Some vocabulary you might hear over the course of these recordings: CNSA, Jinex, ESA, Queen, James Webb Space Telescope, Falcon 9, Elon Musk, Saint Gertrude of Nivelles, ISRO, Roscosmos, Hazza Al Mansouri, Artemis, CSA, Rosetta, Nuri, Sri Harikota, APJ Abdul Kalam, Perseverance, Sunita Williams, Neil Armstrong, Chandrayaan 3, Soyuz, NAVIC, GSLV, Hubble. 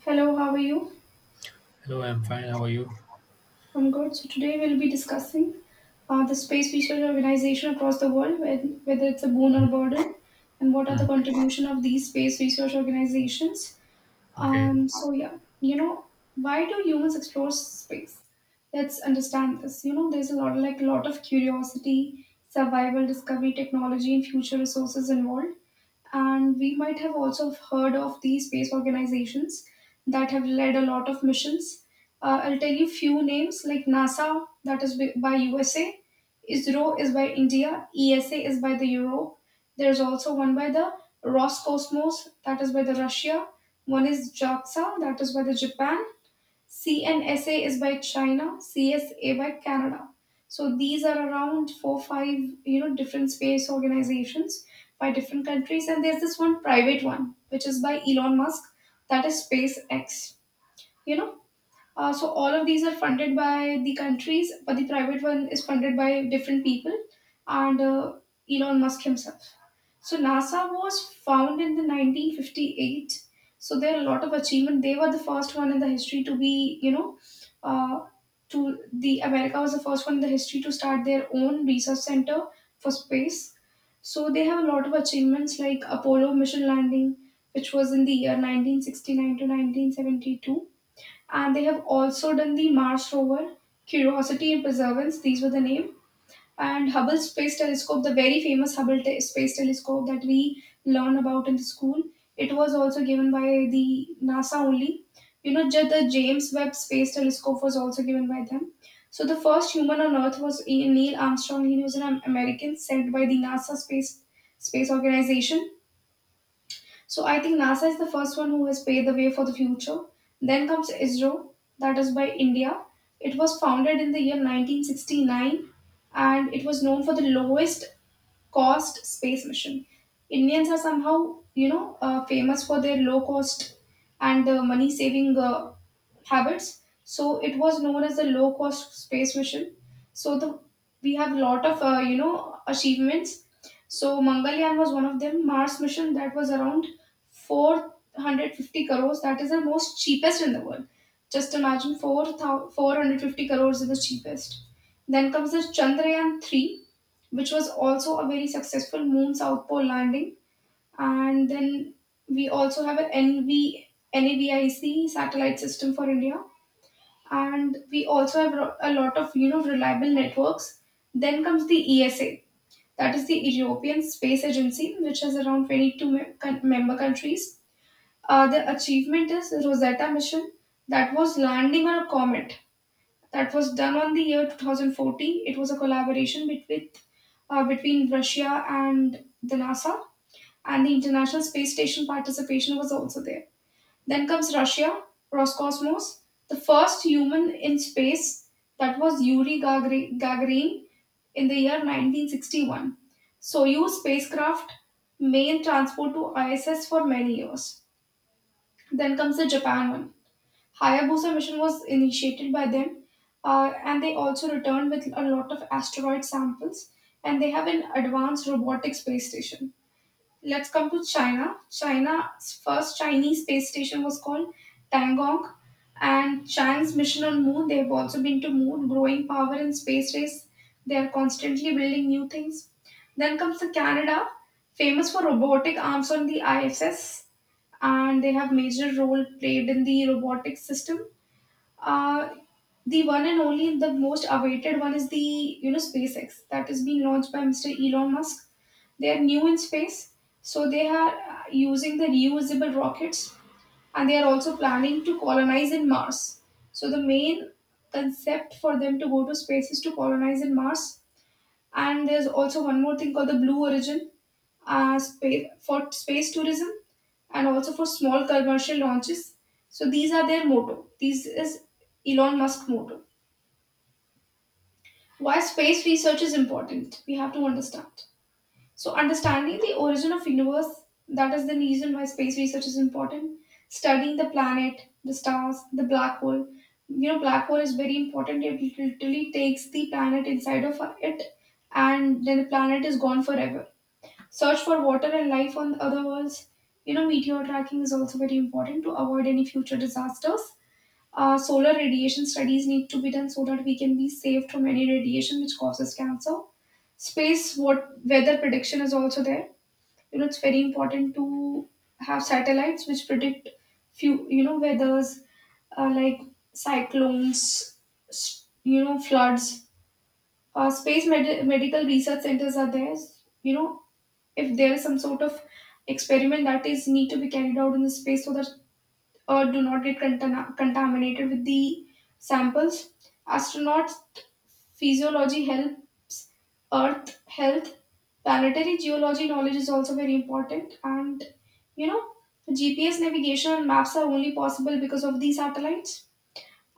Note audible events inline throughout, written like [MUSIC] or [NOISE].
Hello, how are you? Hello, I'm fine. How are you? I'm good. So today we'll be discussing the space research organization across the world, whether it's a boon or burden, and what are the Hmm. contribution of these space research organizations. Okay. Um, so yeah, you know, why do humans explore space? Let's understand this. You know, there's a lot, like a lot of curiosity, survival, discovery, technology, and future resources involved. And we might have also heard of the space organizations that have led a lot of missions. I'll tell you few names like NASA, that is by USA, ISRO is by India, ESA is by the Europe. There's also one by the Roscosmos, that is by the Russia. One is JAXA, that is by the Japan. CNSA is by China, CSA by Canada. So these are around four, five, you know, different space organizations by different countries. And there's this one private one, which is by Elon Musk, that is SpaceX, you know. So all of these are funded by the countries, but the private one is funded by different people and Elon Musk himself. So NASA was founded in the 1958. So there are a lot of achievement. They were the first one in the history to be, you know, uh, to the America was the first one in the history to start their own research center for space. So they have a lot of achievements like Apollo mission landing, which was in the year 1969 to 1972, and they have also done the Mars rover, Curiosity and Perseverance. These were the name. And Hubble Space Telescope, the very famous Space Telescope that we learn about in the school, it was also given by the NASA only. You know, the James Webb Space Telescope was also given by them. So the first human on Earth was Neil Armstrong. He was an American sent by the NASA Space Organization, so I think NASA is the first one who has paved the way for the future. Then comes ISRO, that is by India. It was founded in the year 1969 and it was known for the lowest cost space mission. Indians are somehow, you know, famous for their low cost and money saving habits. So it was known as the low cost space mission. So the we have a lot of you know achievements. So Mangalyaan was one of them. Mars mission that was around 450 crores. That is the most cheapest in the world. Just imagine 4, 450 crores is the cheapest. Then comes the Chandrayaan 3, which was also a very successful moon South Pole landing. And then we also have an NAVIC satellite system for India. And we also have a lot of, you know, reliable networks. Then comes the ESA, that is the European Space Agency, which has around 22 member countries. The achievement is Rosetta mission that was landing on a comet that was done on the year 2014. It was a collaboration between Russia and the NASA, and the International Space Station participation was also there. Then comes Russia, Roscosmos, the first human in space that was Gagarin in the year 1961. Soyuz spacecraft main transport to ISS for many years. Then comes the Japan one. Hayabusa mission was initiated by them, and they also returned with a lot of asteroid samples, and they have an advanced robotic space station. Let's come to China. China's first Chinese space station was called Tangong, and Chang's mission on Moon. They have also been to Moon, growing power in space race. They are constantly building new things. Then comes the Canada, famous for robotic arms on the ISS, and they have major role played in the robotic system. Uh, the one and only, the most awaited one is the you know SpaceX that is being launched by Mr. Elon Musk. They are new in space, so they are using the reusable rockets, and they are also planning to colonize in Mars. So the main concept for them to go to space is to colonize in Mars, and there's also one more thing called the Blue Origin for space tourism and also for small commercial launches. So these are their motto. This is Elon Musk motto. Why space research is important? We have to understand. So understanding the origin of universe, that is the reason why space research is important. Studying the planet, the stars, the black hole. You know, black hole is very important. It literally takes the planet inside of it and then the planet is gone forever. Search for water and life on other worlds. You know, meteor tracking is also very important to avoid any future disasters. Solar radiation studies need to be done so that we can be safe from any radiation which causes cancer. Space what weather prediction is also there. You know, it's very important to have satellites which predict few you know weathers like cyclones, you know floods, medical research centers are there. You know, if there is some sort of experiment that is need to be carried out in the space so that Earth do not get contaminated with the samples. Astronaut physiology helps Earth health. Planetary geology knowledge is also very important, and you know, GPS navigation and maps are only possible because of these satellites,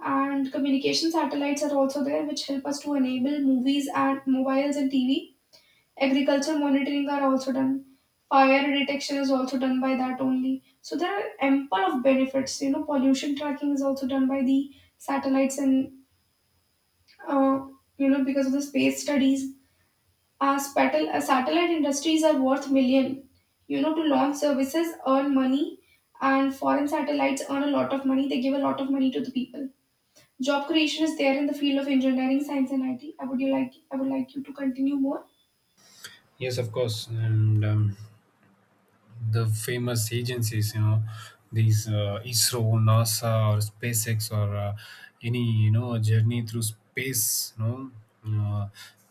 and communication satellites are also there which help us to enable movies and mobiles and tv. Agriculture monitoring are also done, fire detection is also done by that only. So there are ample of benefits, you know, pollution tracking is also done by the satellites, and uh, you know because of the space studies our satellite industries are worth million, you know, to launch services earn money, and foreign satellites earn a lot of money, they give a lot of money to the people. Job creation is there in the field of engineering, science, and IT. I would like you to continue more. Yes, of course. And The famous agencies, you know, these ISRO, NASA, or SpaceX, or any you know journey through space, uh,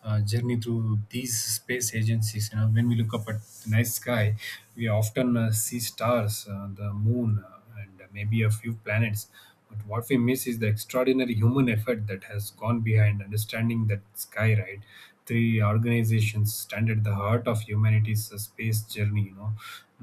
journey through these space agencies. You know, when we look up at the night sky, we often see stars, the moon, and maybe a few planets. But what we miss is the extraordinary human effort that has gone behind understanding that sky, right? Three organizations stand at the heart of humanity's space journey, you know,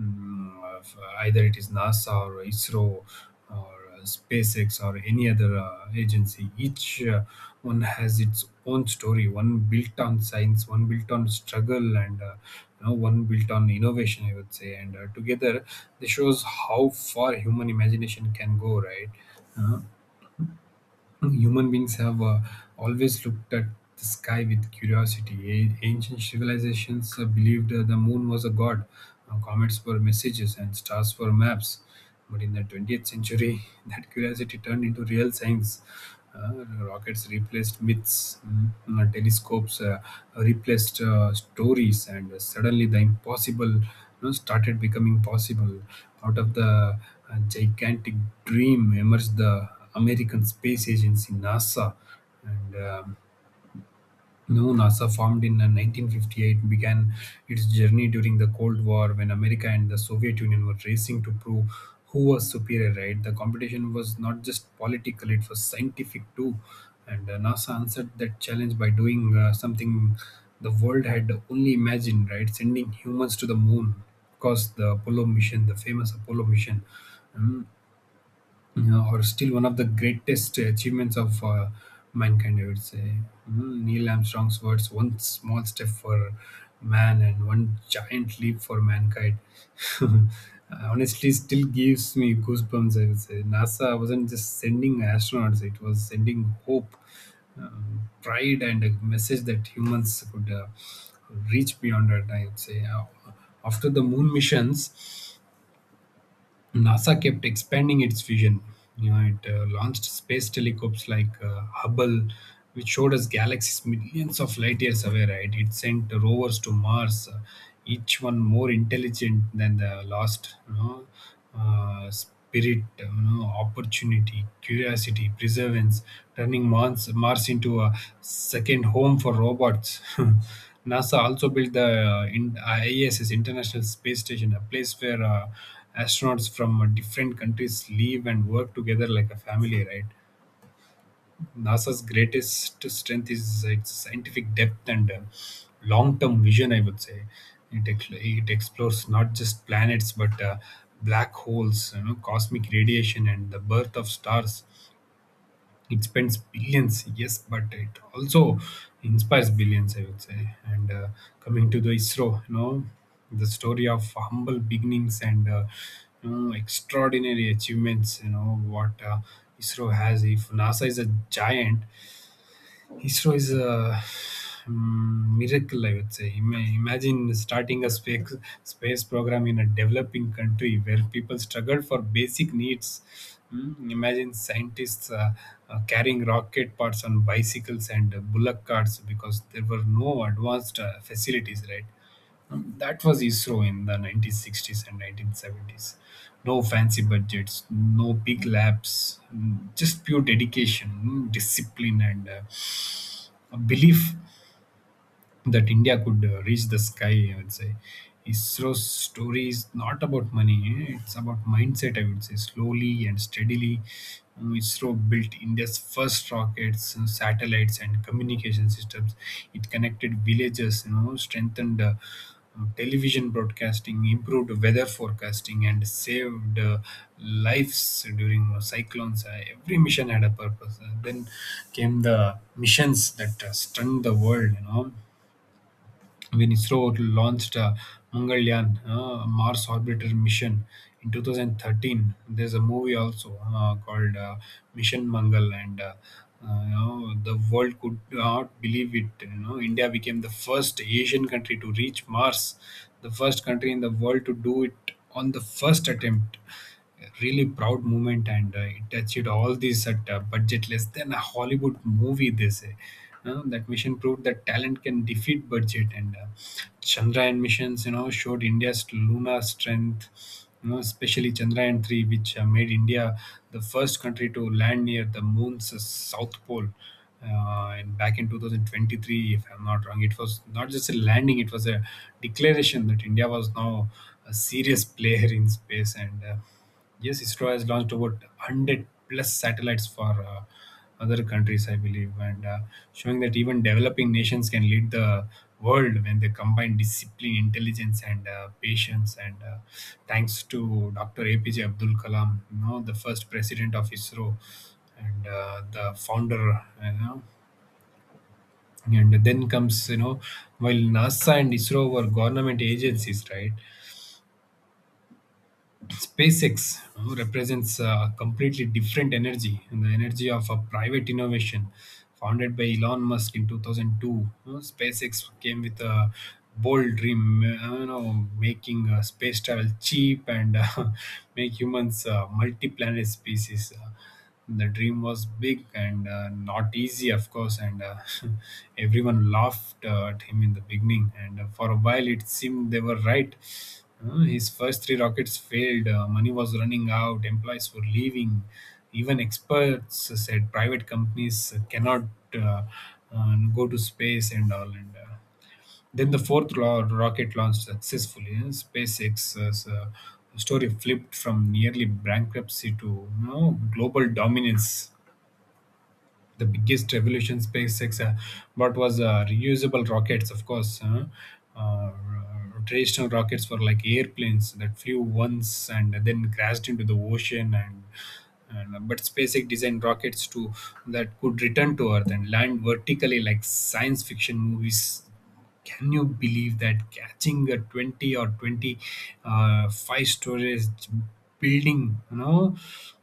Either it is NASA or ISRO, or SpaceX or any other agency. Each one has its own story. One built on science, one built on struggle, and you know, one built on innovation, I would say. And Together, this shows how far human imagination can go. Right. Uh, Human beings have always looked at the sky with curiosity. Ancient civilizations believed the moon was a god, comets were messages, and stars were maps. But in the 20th century, [LAUGHS] that curiosity turned into real science. Rockets replaced myths, telescopes replaced stories, and suddenly the impossible, you know, started becoming possible. Out of the gigantic dream emerged the American Space Agency (NASA), and no NASA, formed in 1958, began its journey during the Cold War, when America and the Soviet Union were racing to prove who was superior. Right, the competition was not just political, it was scientific too. And NASA answered that challenge by doing something the world had only imagined, right? Sending humans to the moon, of course. The Apollo mission, the famous Apollo mission. Um, yeah, or still one of the greatest achievements of mankind, I would say. Neil Armstrong's words, one small step for man and one giant leap for mankind. [LAUGHS] Honestly, still gives me goosebumps. I would say NASA wasn't just sending astronauts, it was sending hope, pride, and a message that humans could reach beyond our, I would say. After the moon missions, NASA kept expanding its vision. You know, it launched space telescopes like Hubble, which showed us galaxies millions of light years away. Right, it sent rovers to Mars, each one more intelligent than the last. You know, spirit, you know, opportunity, curiosity, perseverance, turning Mars into a second home for robots. [LAUGHS] NASA also built the ISS, International Space Station, a place where astronauts from different countries live and work together like a family, right? NASA's greatest strength is its scientific depth and long-term vision, I would say. It explores not just planets, but black holes, you know, cosmic radiation, and the birth of stars. It spends billions, yes, but it also inspires billions, I would say. And Coming to the ISRO, you know, the story of humble beginnings and, you know, extraordinary achievements, you know what ISRO has. If NASA is a giant, Heathrow is a miracle, I would say. Imagine starting a space program in a developing country where people struggle for basic needs. Imagine scientists carrying rocket parts on bicycles and bullock carts because there were no advanced facilities, right? That was ISRO in the 1960s and 1970s. No fancy budgets, no big labs, just pure dedication, discipline, and belief that India could reach the sky, I would say. ISRO's story is not about money; eh, it's about mindset, I would say. Slowly and steadily, ISRO built India's first rockets, satellites, and communication systems. It connected villages, you know, strengthened. Television broadcasting improved weather forecasting and saved lives during cyclones. Every mission had a purpose. Then came the missions that stunned the world, you know, when ISRO launched Mangalyaan, Mars orbiter mission, in 2013. There's a movie also called Mission Mangal, and you know, the world could not believe it. You know, India became the first Asian country to reach Mars, the first country in the world to do it on the first attempt. Really proud moment. And It touched all these at a budget less than a Hollywood movie, they say. That mission proved that talent can defeat budget. And Chandrayaan missions, you know, showed India's lunar strength, you know, especially Chandrayaan 3, which made India the first country to land near the moon's south pole, and back in 2023, if I'm not wrong. It was not just a landing, it was a declaration that India was now a serious [LAUGHS] player in space. And Yes, ISRO has launched about 100 plus satellites for other countries, I believe, and showing that even developing nations can lead the world when they combine discipline, intelligence, and patience. And Thanks to Dr. APJ Abdul Kalam, you know, the first president of ISRO and the founder, you know. And then comes, you know, while NASA and ISRO were government agencies, right? SpaceX, who represents a completely different energy, and the energy of a private innovation, founded by Elon Musk in 2002. You know, SpaceX came with a bold dream, you know, making space travel cheap and [LAUGHS] make humans multi-planet species. The dream was big and not easy, of course. And [LAUGHS] Everyone laughed at him in the beginning, and for a while it seemed they were right. His first three rockets failed, money was running out, employees were leaving, even experts said private companies cannot uh, go to space and all. And Then the fourth rocket launched successfully. You know, SpaceX's story flipped from nearly bankruptcy to, you know, global dominance. The biggest revolution SpaceX brought was reusable rockets, of course. Huh? Uh, Traditional rockets were like airplanes that flew once and then crashed into the ocean, but SpaceX designed rockets to that could return to Earth and land vertically, like science fiction movies. Can you believe that, catching a 20 or 20 uh, five stories building, you know?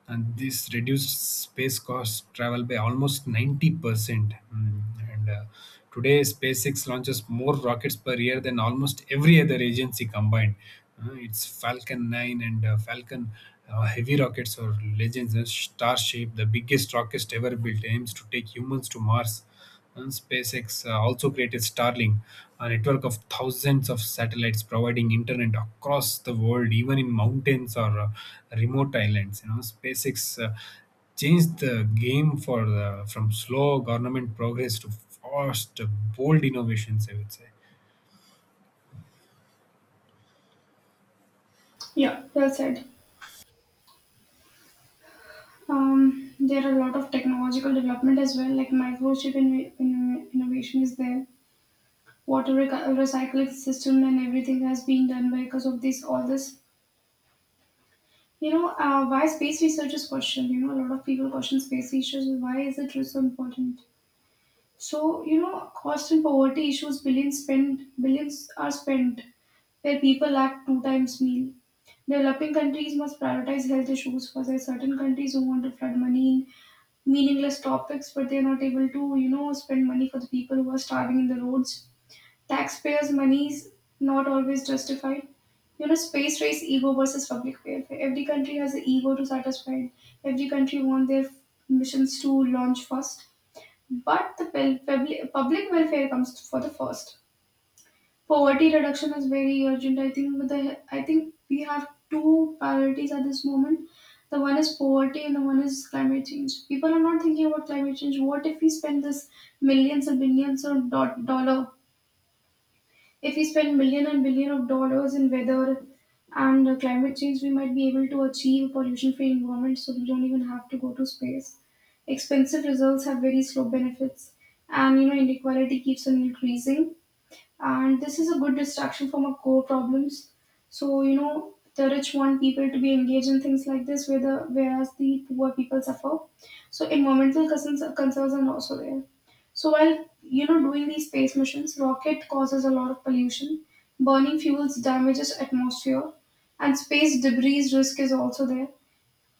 And this reduced space cost travel by almost 90%. Mm, and Today SpaceX launches more rockets per year than almost every other agency combined. Its Falcon 9 and Falcon Heavy rockets or legends. Starship, the biggest rocket ever built, aims to take humans to Mars. And SpaceX also created Starlink, a network of thousands of satellites providing internet across the world, even in mountains or remote islands. You know, SpaceX changed the game for the, from slow government progress to fast, bold innovations, I would say. Yeah. Well said. There are a lot of technological development as well, like microchip innovation is there. Recycling system and everything has been done because of this. All this, you know, why space research is questioned. You know, a lot of people question space research. Why is it so important? So you know, cost and poverty issues. Billions spent. Billions are spent where people lack two times meal. Developing countries must prioritize health issues, for there are certain countries who want to flood money in meaningless topics, but they're not able to, you know, spend money for the people who are starving in the roads. Taxpayers' money is not always justified. You know, space race ego versus public welfare. Every country has an ego to satisfy. Every country wants their missions to launch first, but the public welfare comes for the first. Poverty reduction is very urgent. I think we have two priorities at this moment. The one is poverty and the one is climate change. People are not thinking about climate change. What if we spend this millions and billions of dollar? If we spend million and billion of dollars in weather and climate change, we might be able to achieve pollution-free environment. So we don't even have to go to space. Expensive results have very slow benefits, and you know inequality keeps on increasing, and this is a good distraction from our core problems. So you know the rich want people to be engaged in things like this, where the whereas the poor people suffer. So environmental concerns are also there. So while you know doing these space missions, rocket causes a lot of pollution, burning fuels damages atmosphere, and space debris risk is also there.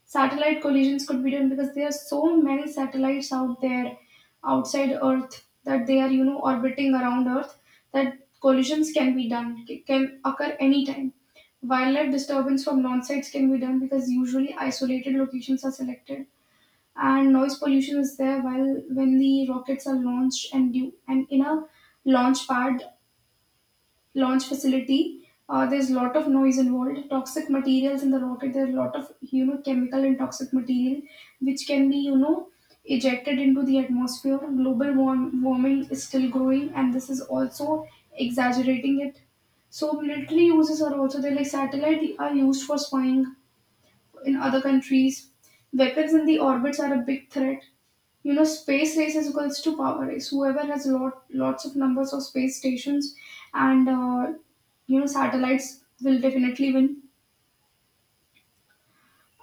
Satellite collisions could be done because there are so many satellites out there outside Earth that they are, you know, orbiting around Earth, that collisions can be done, can occur anytime. Wildlife disturbance from non sites can be done because usually isolated locations are selected. And noise pollution is there while when the rockets are launched and due and in a launch pad launch facility. There's a lot of noise involved, toxic materials in the rocket. There's a lot of you know chemical and toxic material which can be you know ejected into the atmosphere. Global warming is still growing, and this is also exaggerating it. So military uses are also there. Like satellite are used for spying in other countries. Weapons in the orbits are a big threat, you know space race is equals to power race, whoever has lots of numbers of space stations and you know satellites will definitely win.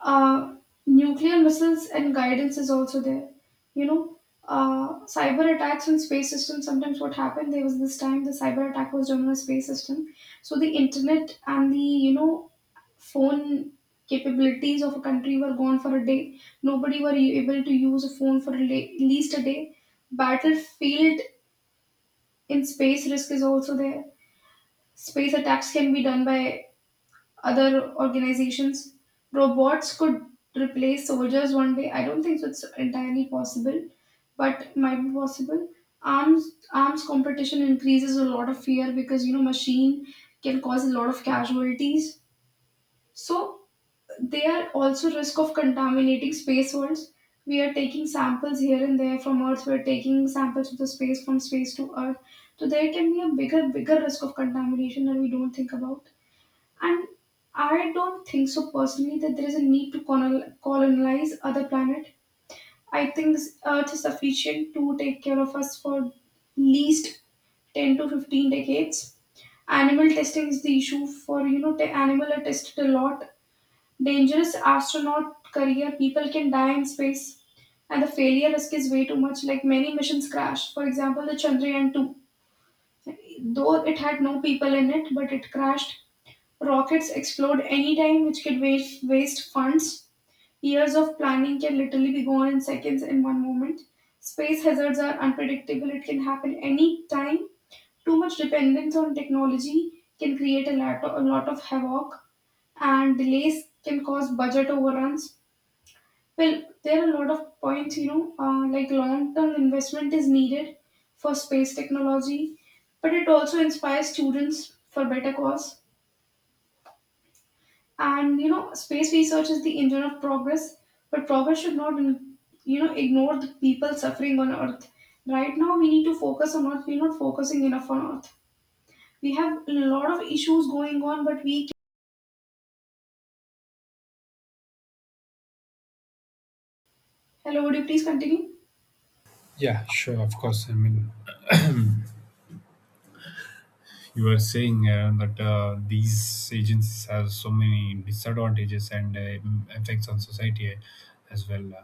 Uh, nuclear missiles and guidance is also there. You know, cyber attacks on space systems. Sometimes what happened there was this time the cyber attack was done on a space system. So the internet and the phone capabilities of a country were gone for a day. Nobody were able to use a phone for at least a day. Battlefield in space risk is also there. Space attacks can be done by other organizations. Robots could replace soldiers one day. I don't think so it's entirely possible, but it might be possible. Arms competition increases a lot of fear because machine can cause a lot of casualties. So they are also risk of contaminating space worlds. We are taking samples here and there from Earth. We are taking samples of the space from space to Earth. So there can be a bigger risk of contamination that we don't think about. And I don't think so personally that there is a need to colonize other planet. I think Earth is sufficient to take care of us for least 10 to 15 decades. Animal testing is the issue for, the animal are tested a lot. Dangerous astronaut career, people can die in space. And the failure risk is way too much, like many missions crash. For example, the Chandrayaan 2, though it had no people in it, but it crashed. Rockets explode any time, which could waste funds. Years of planning can literally be gone in seconds in one moment. Space hazards are unpredictable, it can happen any time. Too much dependence on technology can create a lot of havoc, and delays can cause budget overruns. Well, there are a lot of points, like long term investment is needed for space technology, but it also inspires students for better cause and space research is the engine of progress, but progress should not ignore the people suffering on earth. Right now we need to focus on earth, we're not focusing enough on earth. We have a lot of issues going on, but we hello would you please continue. Yeah, sure, of course. I mean, you were saying that these agencies have so many disadvantages and effects on society as well.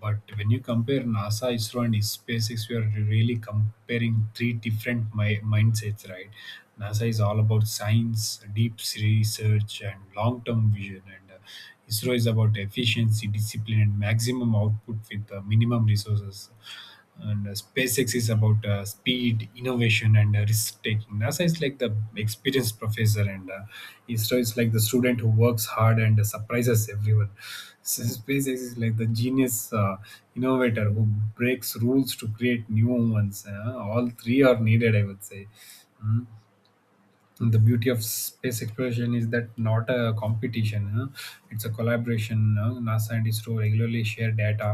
But when you compare NASA, ISRO, and SpaceX, we are really comparing three different mindsets, right? NASA is all about science, deep research, and long term vision. And ISRO is about efficiency, discipline, and maximum output with minimum resources, and SpaceX is about speed, innovation, and risk taking. NASA is like the experienced professor, and ISRO is like the student who works hard and surprises everyone. So SpaceX is like the genius innovator who breaks rules to create new ones. All three are needed, I would say. Mm. The beauty of space exploration is that not a competition, huh? It's a collaboration, huh? NASA and ISRO regularly share data.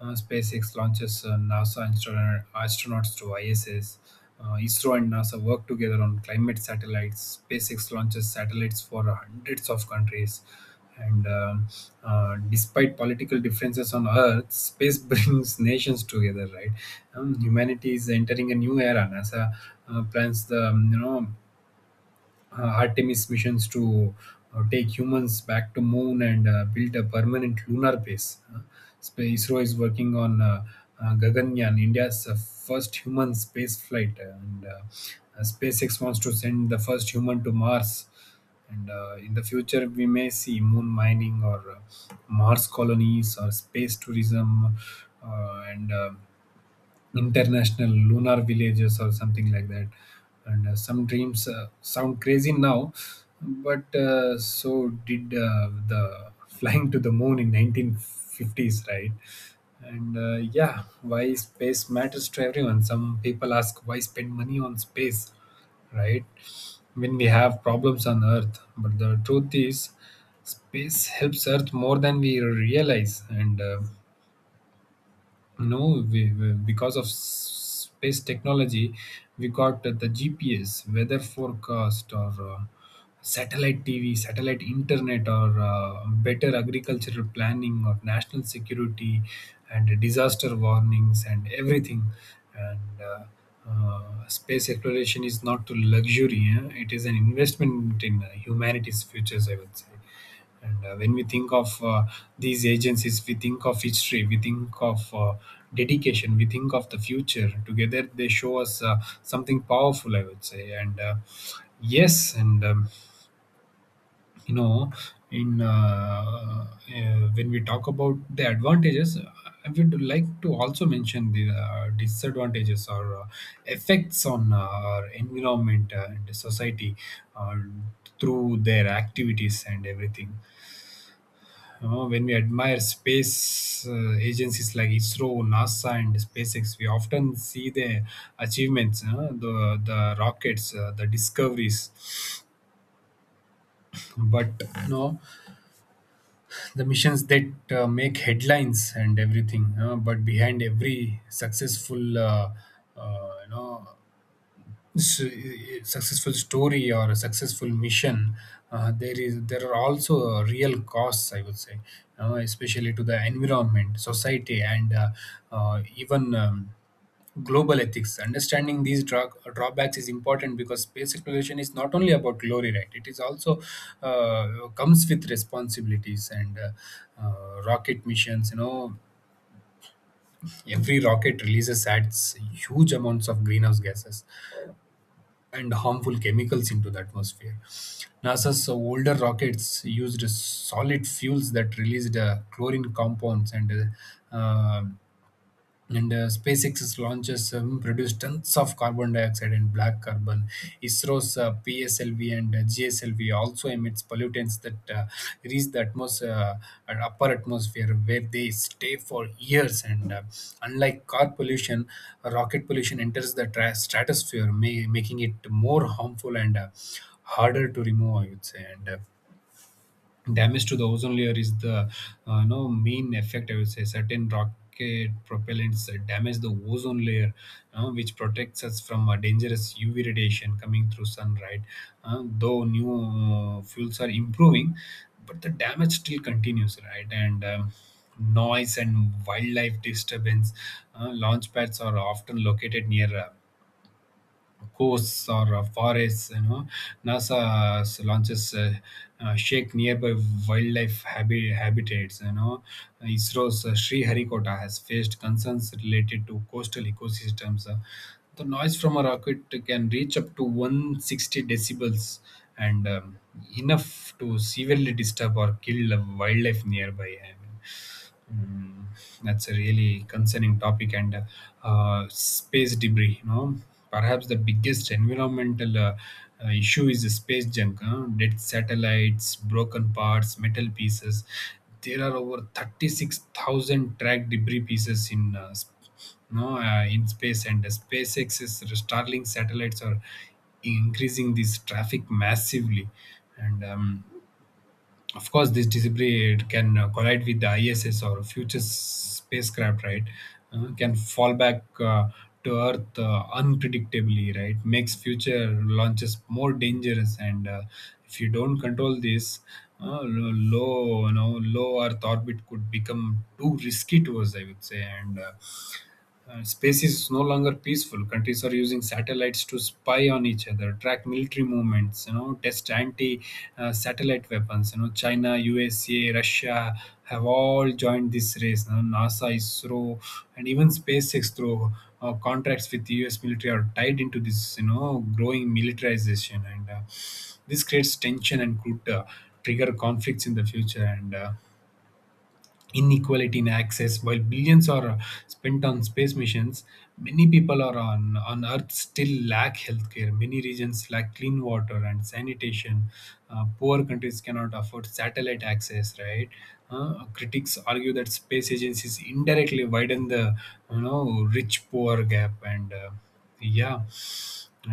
SpaceX launches NASA astronauts to ISS. ISRO and NASA work together on climate satellites. SpaceX launches satellites for hundreds of countries, and despite political differences on Earth, space [LAUGHS] brings nations together, right? Humanity is entering a new era. NASA plans the, you know, Artemis missions to take humans back to moon and build a permanent lunar base. ISRO is working on Gaganyaan, India's first human space flight, and SpaceX wants to send the first human to Mars. And in the future, we may see moon mining or Mars colonies or space tourism and international lunar villages or something like that. And some dreams sound crazy now, but so did the [LAUGHS] flying to the moon in 1950s, right? And yeah, why space matters to everyone. Some people ask why spend money on space, right, when we have problems on earth, but the truth is space helps earth more than we realize. And no, because of space technology, we got the GPS, weather forecast, or satellite TV, satellite internet, or better agricultural planning, or national security, and disaster warnings, and everything. And Space exploration is not a luxury, eh? It is an investment in humanity's futures, I would say. And when we think of these agencies, we think of history, we think of dedication, we think of the future. Together, they show us something powerful, I would say. And yes, and you know, in when we talk about the advantages, I would like to also mention the disadvantages or effects on our environment and society uh, through their activities and everything. When we admire space agencies like ISRO, NASA, and SpaceX, we often see their achievements, the rockets, the discoveries, but no, the missions that make headlines and everything. But behind every successful, uh, you know, successful story or a successful mission, there are also real costs, I would say, you know, especially to the environment, society, and even global ethics. Understanding these drawbacks is important because space exploration is not only about glory, right? It is also, comes with responsibilities. And Rocket missions, you know, every rocket releases, adds huge amounts of greenhouse gases and harmful chemicals into the atmosphere. NASA's older rockets used solid fuels that released chlorine compounds, uh, uh, and SpaceX's launches produce tons of carbon dioxide and black carbon. ISRO's PSLV and GSLV also emits pollutants that reach the atmosphere, upper atmosphere, where they stay for years. And unlike car pollution, rocket pollution enters the stratosphere, making it more harmful and harder to remove, I would say. And Damage to the ozone layer is the no main effect, I would say. Certain rocket propellants damage the ozone layer, which protects us from a dangerous UV radiation coming through sun, right? Though new fuels are improving, but the damage still continues, right? and Noise and wildlife disturbance. Launch pads are often located near coasts or forests. You know, NASA launches shake nearby wildlife habitats. You know, ISRO's Sri Harikota has faced concerns related to coastal ecosystems. The noise from a rocket can reach up to 160 decibels and enough to severely disturb or kill wildlife nearby. I mean, mm, that's a really concerning topic. And space debris, you know, perhaps the biggest environmental issue is the space junk, huh? Dead satellites, broken parts, metal pieces. There are over 36,000 tracked debris pieces in in space, and SpaceX's Starlink satellites are increasing this traffic massively. And Of course, this debris can collide with the ISS or future spacecraft, right? Can fall back to earth unpredictably, right? Makes future launches more dangerous. And if you don't control this, lo- low you know low earth orbit could become too risky to us, I would say. And Space is no longer peaceful. Countries are using satellites to spy on each other, track military movements, you know, test anti-satellite weapons. You know, China, USA, Russia have all joined this race. You know, NASA, ISRO, and even SpaceX through contracts with the U.S. military are tied into this, you know, growing militarization. And This creates tension and could trigger conflicts in the future. And inequality in access. While billions are spent on space missions, many people are on Earth still lack healthcare. Many regions lack clean water and sanitation. Poor countries cannot afford satellite access, right? Critics argue that space agencies indirectly widen the, you know, rich poor gap. And yeah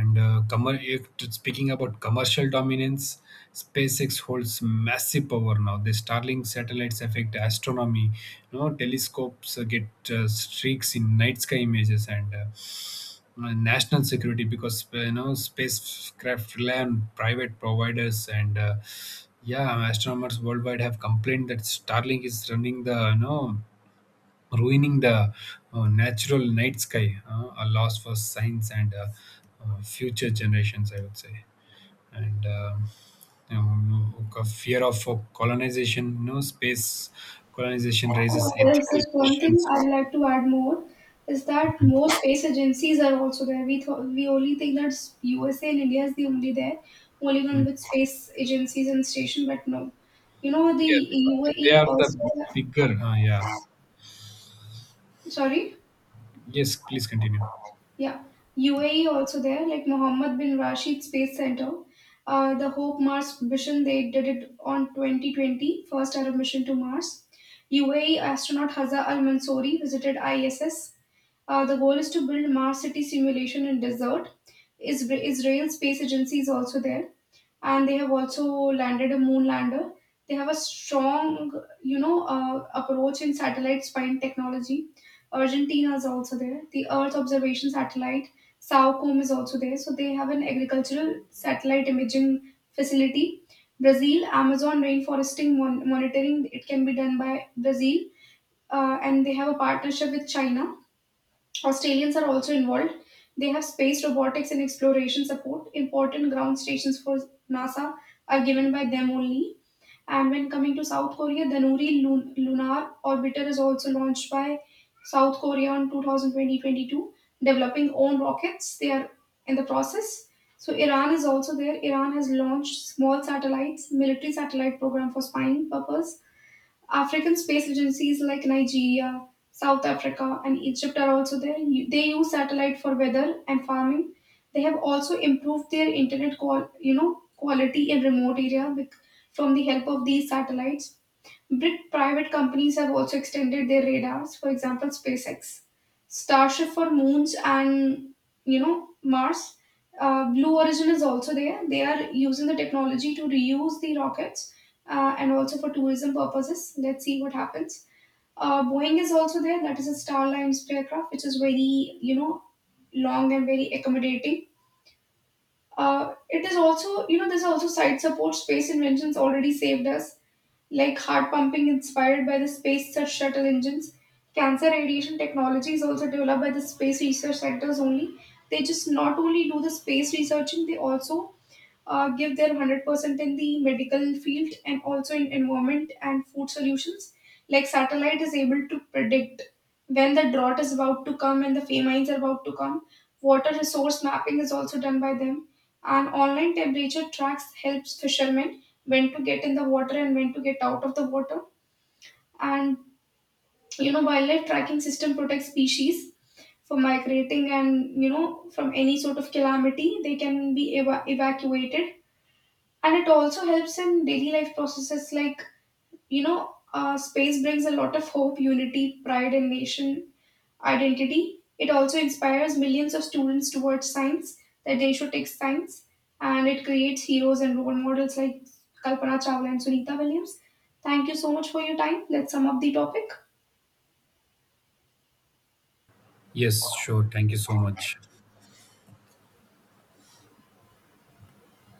and commer if t- Speaking about commercial dominance, SpaceX holds massive power now. The Starlink satellites affect astronomy. You know, telescopes get streaks in night sky images, and national security, because you know, spacecraft rely on private providers. And Yeah, astronomers worldwide have complained that Starlink is running the, you know, ruining the natural night sky, a loss for science and future generations, I would say. And you know, no, A fear of colonization, you know, space colonization raises There's ethical just one thing questions. I'd like to add more, is that more space agencies are also there. We thought we only think that USA and India is the only there, only one Mm. with space agencies and station. But no, the Yeah, UAE they are also. the bigger. Yeah. Sorry? Yes, please continue. Yeah. UAE also there, like Mohammed bin Rashid Space Center. The Hope Mars mission, they did it on 2020, first Arab mission to Mars. UAE astronaut Hazza Al Mansouri visited ISS. The goal is to build Mars city simulation in desert. Israel Space Agency is also there, and they have also landed a moon lander. They have a strong, approach in satellite spine technology. Argentina is also there. The Earth observation satellite, SAOCOM, is also there. So they have an agricultural satellite imaging facility. Brazil, Amazon rainforesting monitoring, it can be done by Brazil, and they have a partnership with China. Australians are also involved. They have space robotics and exploration support. Important ground stations for NASA are given by them only. And when coming to South Korea, the Nuri Lunar Orbiter is also launched by South Korea in 2022. Developing own rockets. They are in the process. So Iran is also there. Iran has launched small satellites, military satellite program for spying purpose. African space agencies like Nigeria, South Africa, and Egypt are also there. They use satellite for weather and farming. They have also improved their internet quality in remote area with, from the help of these satellites. Brit private companies have also extended their radars, for example, SpaceX, Starship for moons and Mars. Blue Origin is also there. They are using the technology to reuse the rockets, and also for tourism purposes. Let's see what happens. Boeing is also there. That is a Starlines aircraft, which is very long and very accommodating. Uh, it is also, there's also side support. Space inventions already saved us, like heart pumping inspired by the space search shuttle engines. Cancer radiation technology is also developed by the space research centers only. They just not only do the space researching, they also give their 100% in the medical field and also in environment and food solutions. Like satellite is able to predict when the drought is about to come and the famines are about to come. Water resource mapping is also done by them. An online temperature tracks helps fishermen when to get in the water and when to get out of the water. And wildlife tracking system protects species from migrating and from any sort of calamity. They can be evacuated, and it also helps in daily life processes like space brings a lot of hope, unity, pride, and nation identity. It also inspires millions of students towards science, that they should take science, and it creates heroes and role models like Kalpana Chawla and Sunita Williams. Thank you so much for your time. Let's sum up the topic. Yes, sure. Thank you so much.